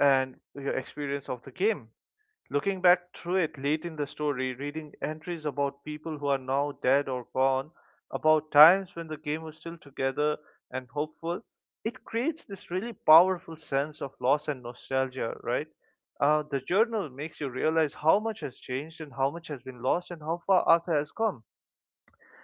Speaker 2: and your experience of the game. Looking back through it late in the story, reading entries about people who are now dead or gone, about times when the game was still together and hopeful, it creates this really powerful sense of loss and nostalgia, right? The journal makes you realize how much has changed and how much has been lost and how far Arthur has come.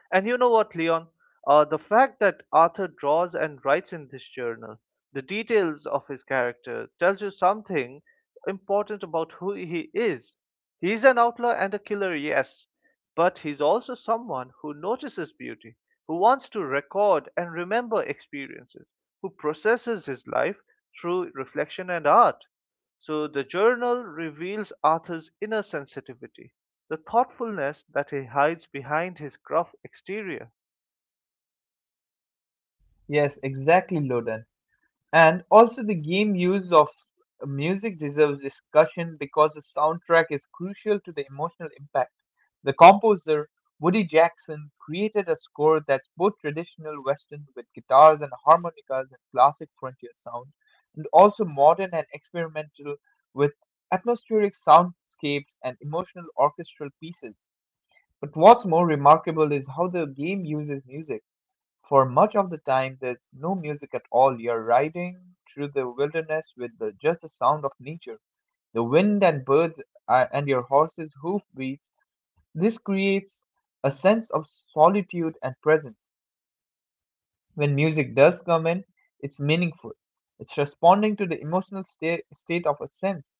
Speaker 2: And you know what, Leon? The fact that Arthur draws and writes in this journal, the details of his character, tells you something important about who he is. He's an outlaw and a killer, yes, but he's also someone who notices beauty, who wants to record and remember experiences, who processes his life through reflection and art. So the journal reveals Arthur's inner sensitivity, the thoughtfulness that he hides behind his gruff exterior.
Speaker 1: Yes, exactly, Loden. And also, the game use of music deserves discussion because the soundtrack is crucial to the emotional impact. The composer, Woody Jackson, created a score that's both traditional Western, with guitars and harmonicas and classic frontier sound, and also modern and experimental, with atmospheric soundscapes and emotional orchestral pieces. But what's more remarkable is how the game uses music. For much of the time, there's no music at all. You're riding through the wilderness with just the sound of nature, the wind and birds, and your horse's hoofbeats. This creates a sense of solitude and presence. When music does come in, it's meaningful. It's responding to the emotional state of a sense,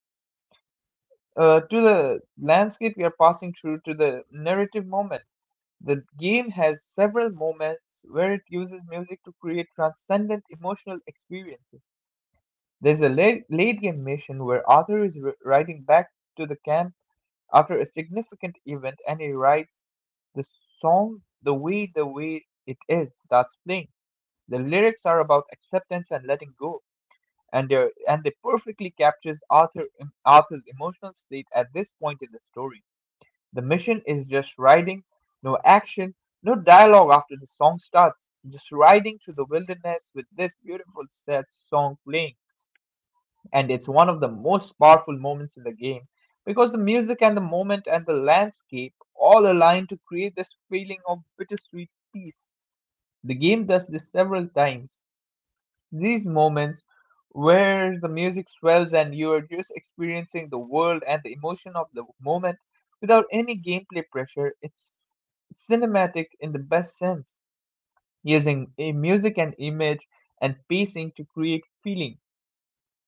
Speaker 1: to the landscape we are passing through, to the narrative moment. The game has several moments where it uses music to create transcendent emotional experiences. There's a late, late game mission where Arthur is riding back to the camp after a significant event and he writes the song "The Way It Is" starts playing. The lyrics are about acceptance and letting go, and they perfectly captures Arthur's emotional state at this point in the story. The mission is just riding, no action, no dialogue after the song starts, just riding through the wilderness with this beautiful sad song playing. And it's one of the most powerful moments in the game because the music and the moment and the landscape all align to create this feeling of bittersweet peace. The game does this several times, these moments where the music swells and you are just experiencing the world and the emotion of the moment without any gameplay pressure. It's cinematic in the best sense, using a music and image and pacing to create feeling.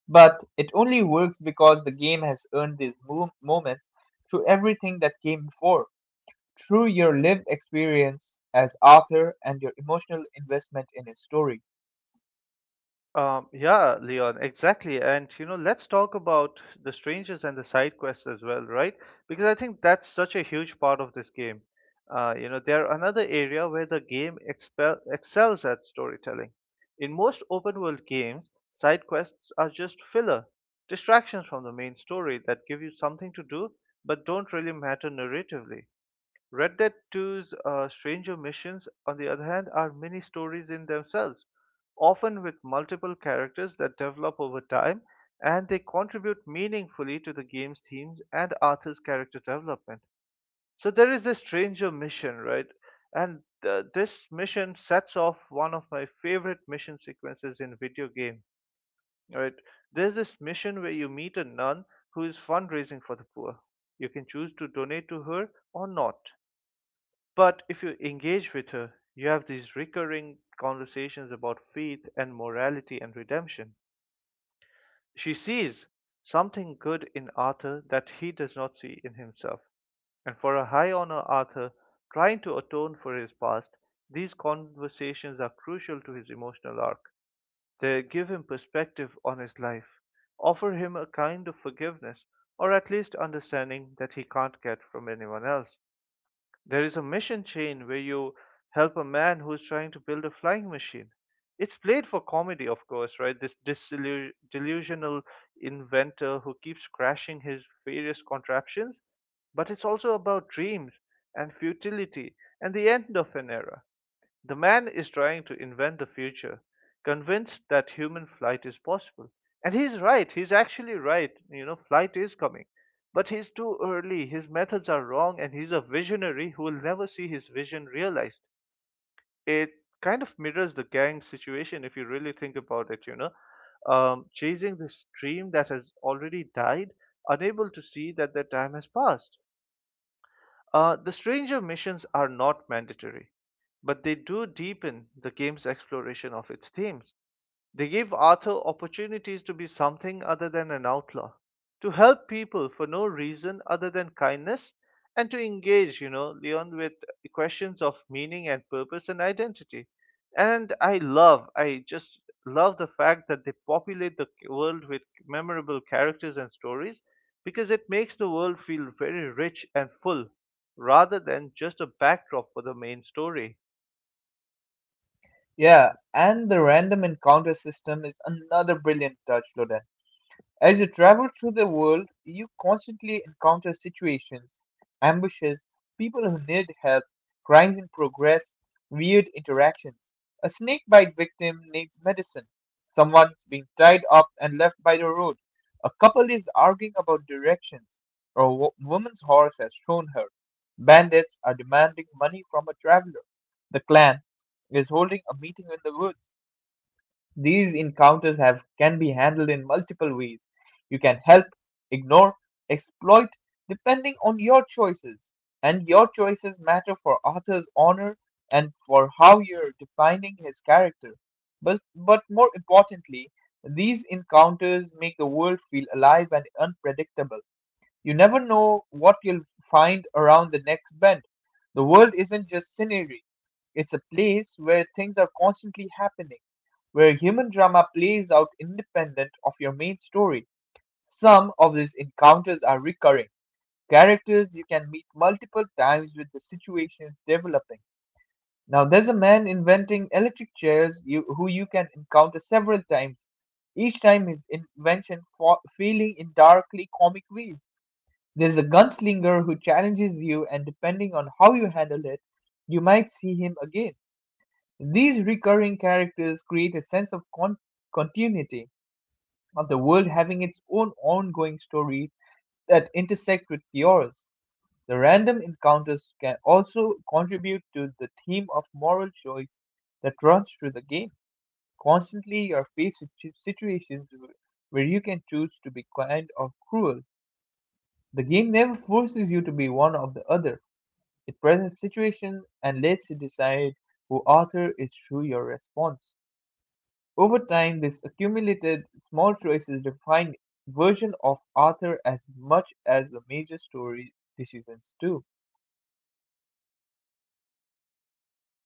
Speaker 1: But it only works because the game has earned these moments through everything that came before, through your lived experience as author and your emotional investment in a story.
Speaker 2: Yeah, Leon, exactly. And you know, let's talk about the strangers and the side quests as well, right? Because I think that's such a huge part of this game. You know, they're another area where the game excels at storytelling. In most open world games, side quests are just filler, distractions from the main story that give you something to do but don't really matter narratively. Red Dead Two's Stranger Missions, on the other hand, are mini stories in themselves, often with multiple characters that develop over time, and they contribute meaningfully to the game's themes and Arthur's character development. So there is this Stranger Mission, right? And this mission sets off one of my favorite mission sequences in video game. Right? There's this mission where you meet a nun who is fundraising for the poor. You can choose to donate to her or not. But if you engage with her, you have these recurring conversations about faith and morality and redemption. She sees something good in Arthur that he does not see in himself. And for a high honor Arthur, trying to atone for his past, these conversations are crucial to his emotional arc. They give him perspective on his life, offer him a kind of forgiveness, or at least understanding that he can't get from anyone else. There is a mission chain where you help a man who's trying to build a flying machine. It's played for comedy, of course, right? This delusional inventor who keeps crashing his various contraptions, but it's also about dreams and futility and the end of an era. The man is trying to invent the future, convinced that human flight is possible. And he's right. He's actually right. You know, flight is coming. But he's too early. His methods are wrong, and he's a visionary who will never see his vision realized. It kind of mirrors the gang situation if you really think about it, you know. Chasing this dream that has already died, unable to see that their time has passed. The stranger missions are not mandatory, but they do deepen the game's exploration of its themes. They give Arthur opportunities to be something other than an outlaw, to help people for no reason other than kindness, and to engage, you know, Leon, with questions of meaning and purpose and identity. And I just love the fact that they populate the world with memorable characters and stories because it makes the world feel very rich and full rather than just a backdrop for the main story.
Speaker 1: Yeah, and the random encounter system is another brilliant touch, Loden. As you travel through the world, you constantly encounter situations: ambushes, people who need help, crimes in progress, weird interactions. A snake bite victim needs medicine. Someone's being tied up and left by the road. A couple is arguing about directions. Or a woman's horse has shown her. Bandits are demanding money from a traveler. The clan is holding a meeting in the woods. These encounters have can be handled in multiple ways. You can help, ignore, exploit, depending on your choices. And your choices matter for Arthur's honor and for how you're defining his character. But more importantly, these encounters make the world feel alive and unpredictable. You never know what you'll find around the next bend. The world isn't just scenery, it's a place where things are constantly happening, where human drama plays out independent of your main story. Some of these encounters are recurring, characters you can meet multiple times with the situations developing. Now, there's a man inventing electric chairs, you, who you can encounter several times, each time his invention failing in darkly comic ways. There's a gunslinger who challenges you, and depending on how you handle it, you might see him again. These recurring characters create a sense of continuity, of the world having its own ongoing stories that intersect with yours. The random encounters can also contribute to the theme of moral choice that runs through the game. Constantly, you're faced with situations where you can choose to be kind or cruel. The game never forces you to be one or the other. It presents situations and lets you decide who author is through your response. Over time, this accumulated small choices define version of author as much as the major story decisions do.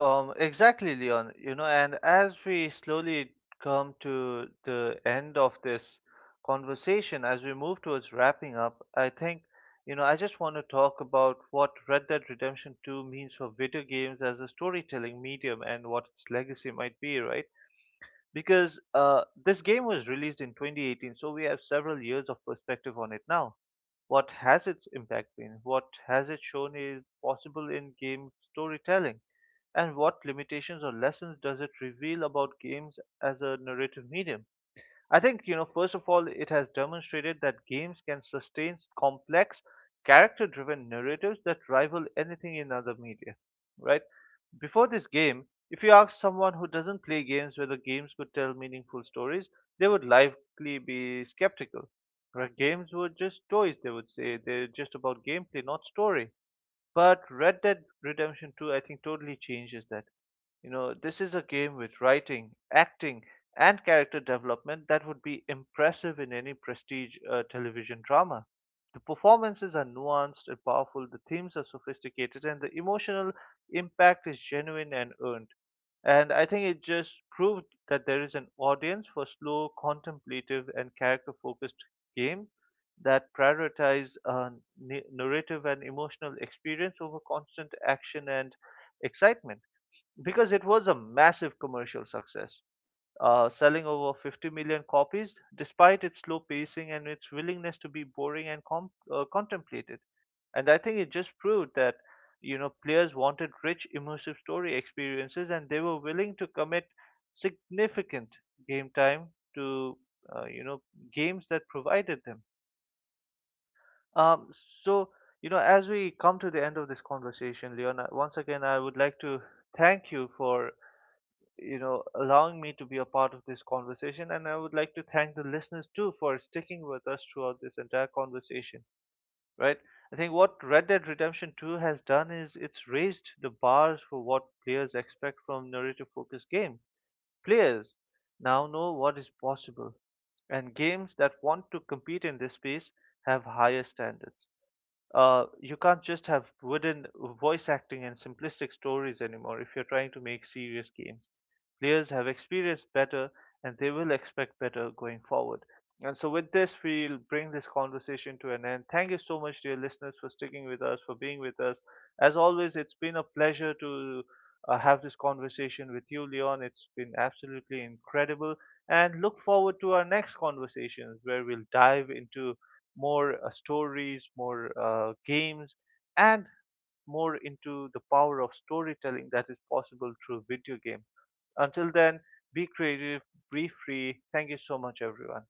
Speaker 2: Exactly, Leon. You know, and as we slowly come to the end of this conversation, as we move towards wrapping up, I think, you know, I just want to talk about what Red Dead Redemption 2 means for video games as a storytelling medium and what its legacy might be, right? Because this game was released in 2018, so we have several years of perspective on it now. What has its impact been? What has it shown is possible in game storytelling? And what limitations or lessons does it reveal about games as a narrative medium? I think, you know, first of all, it has demonstrated that games can sustain complex, character driven narratives that rival anything in other media, right? Before this game, if you ask someone who doesn't play games whether games could tell meaningful stories, they would likely be skeptical. Right? Games were just toys, they would say. They're just about gameplay, not story, but Red Dead Redemption 2, I think, totally changes that. You know, this is a game with writing, acting, and character development that would be impressive in any prestige television drama. The performances are nuanced and powerful, the themes are sophisticated, and the emotional impact is genuine and earned. And I think it just proved that there is an audience for slow, contemplative, and character focused games that prioritize narrative and emotional experience over constant action and excitement, because it was a massive commercial success, selling over 50 million copies despite its slow pacing and its willingness to be boring and contemplated. And I think it just proved that you know players wanted rich, immersive story experiences, and they were willing to commit significant game time to you know, games that provided them um, so, you know, as we come to the end of this conversation, Leon, once again, I would like to thank you for, you know, allowing me to be a part of this conversation. And I would like to thank the listeners too for sticking with us throughout this entire conversation, right? I think what Red Dead Redemption 2 has done is it's raised the bars for what players expect from narrative focused game. Players now know what is possible, and games that want to compete in this space have higher standards. You can't just have wooden voice acting and simplistic stories anymore if you're trying to make serious games. Players have experienced better and they will expect better going forward. And so, with this, we'll bring this conversation to an end. Thank you so much, dear listeners, for sticking with us, for being with us. As always, it's been a pleasure to have this conversation with you, Leon. It's been absolutely incredible. And look forward to our next conversations where we'll dive into more stories, more games, and more into the power of storytelling that is possible through video game. Until then, be creative, be free. Thank you so much, everyone.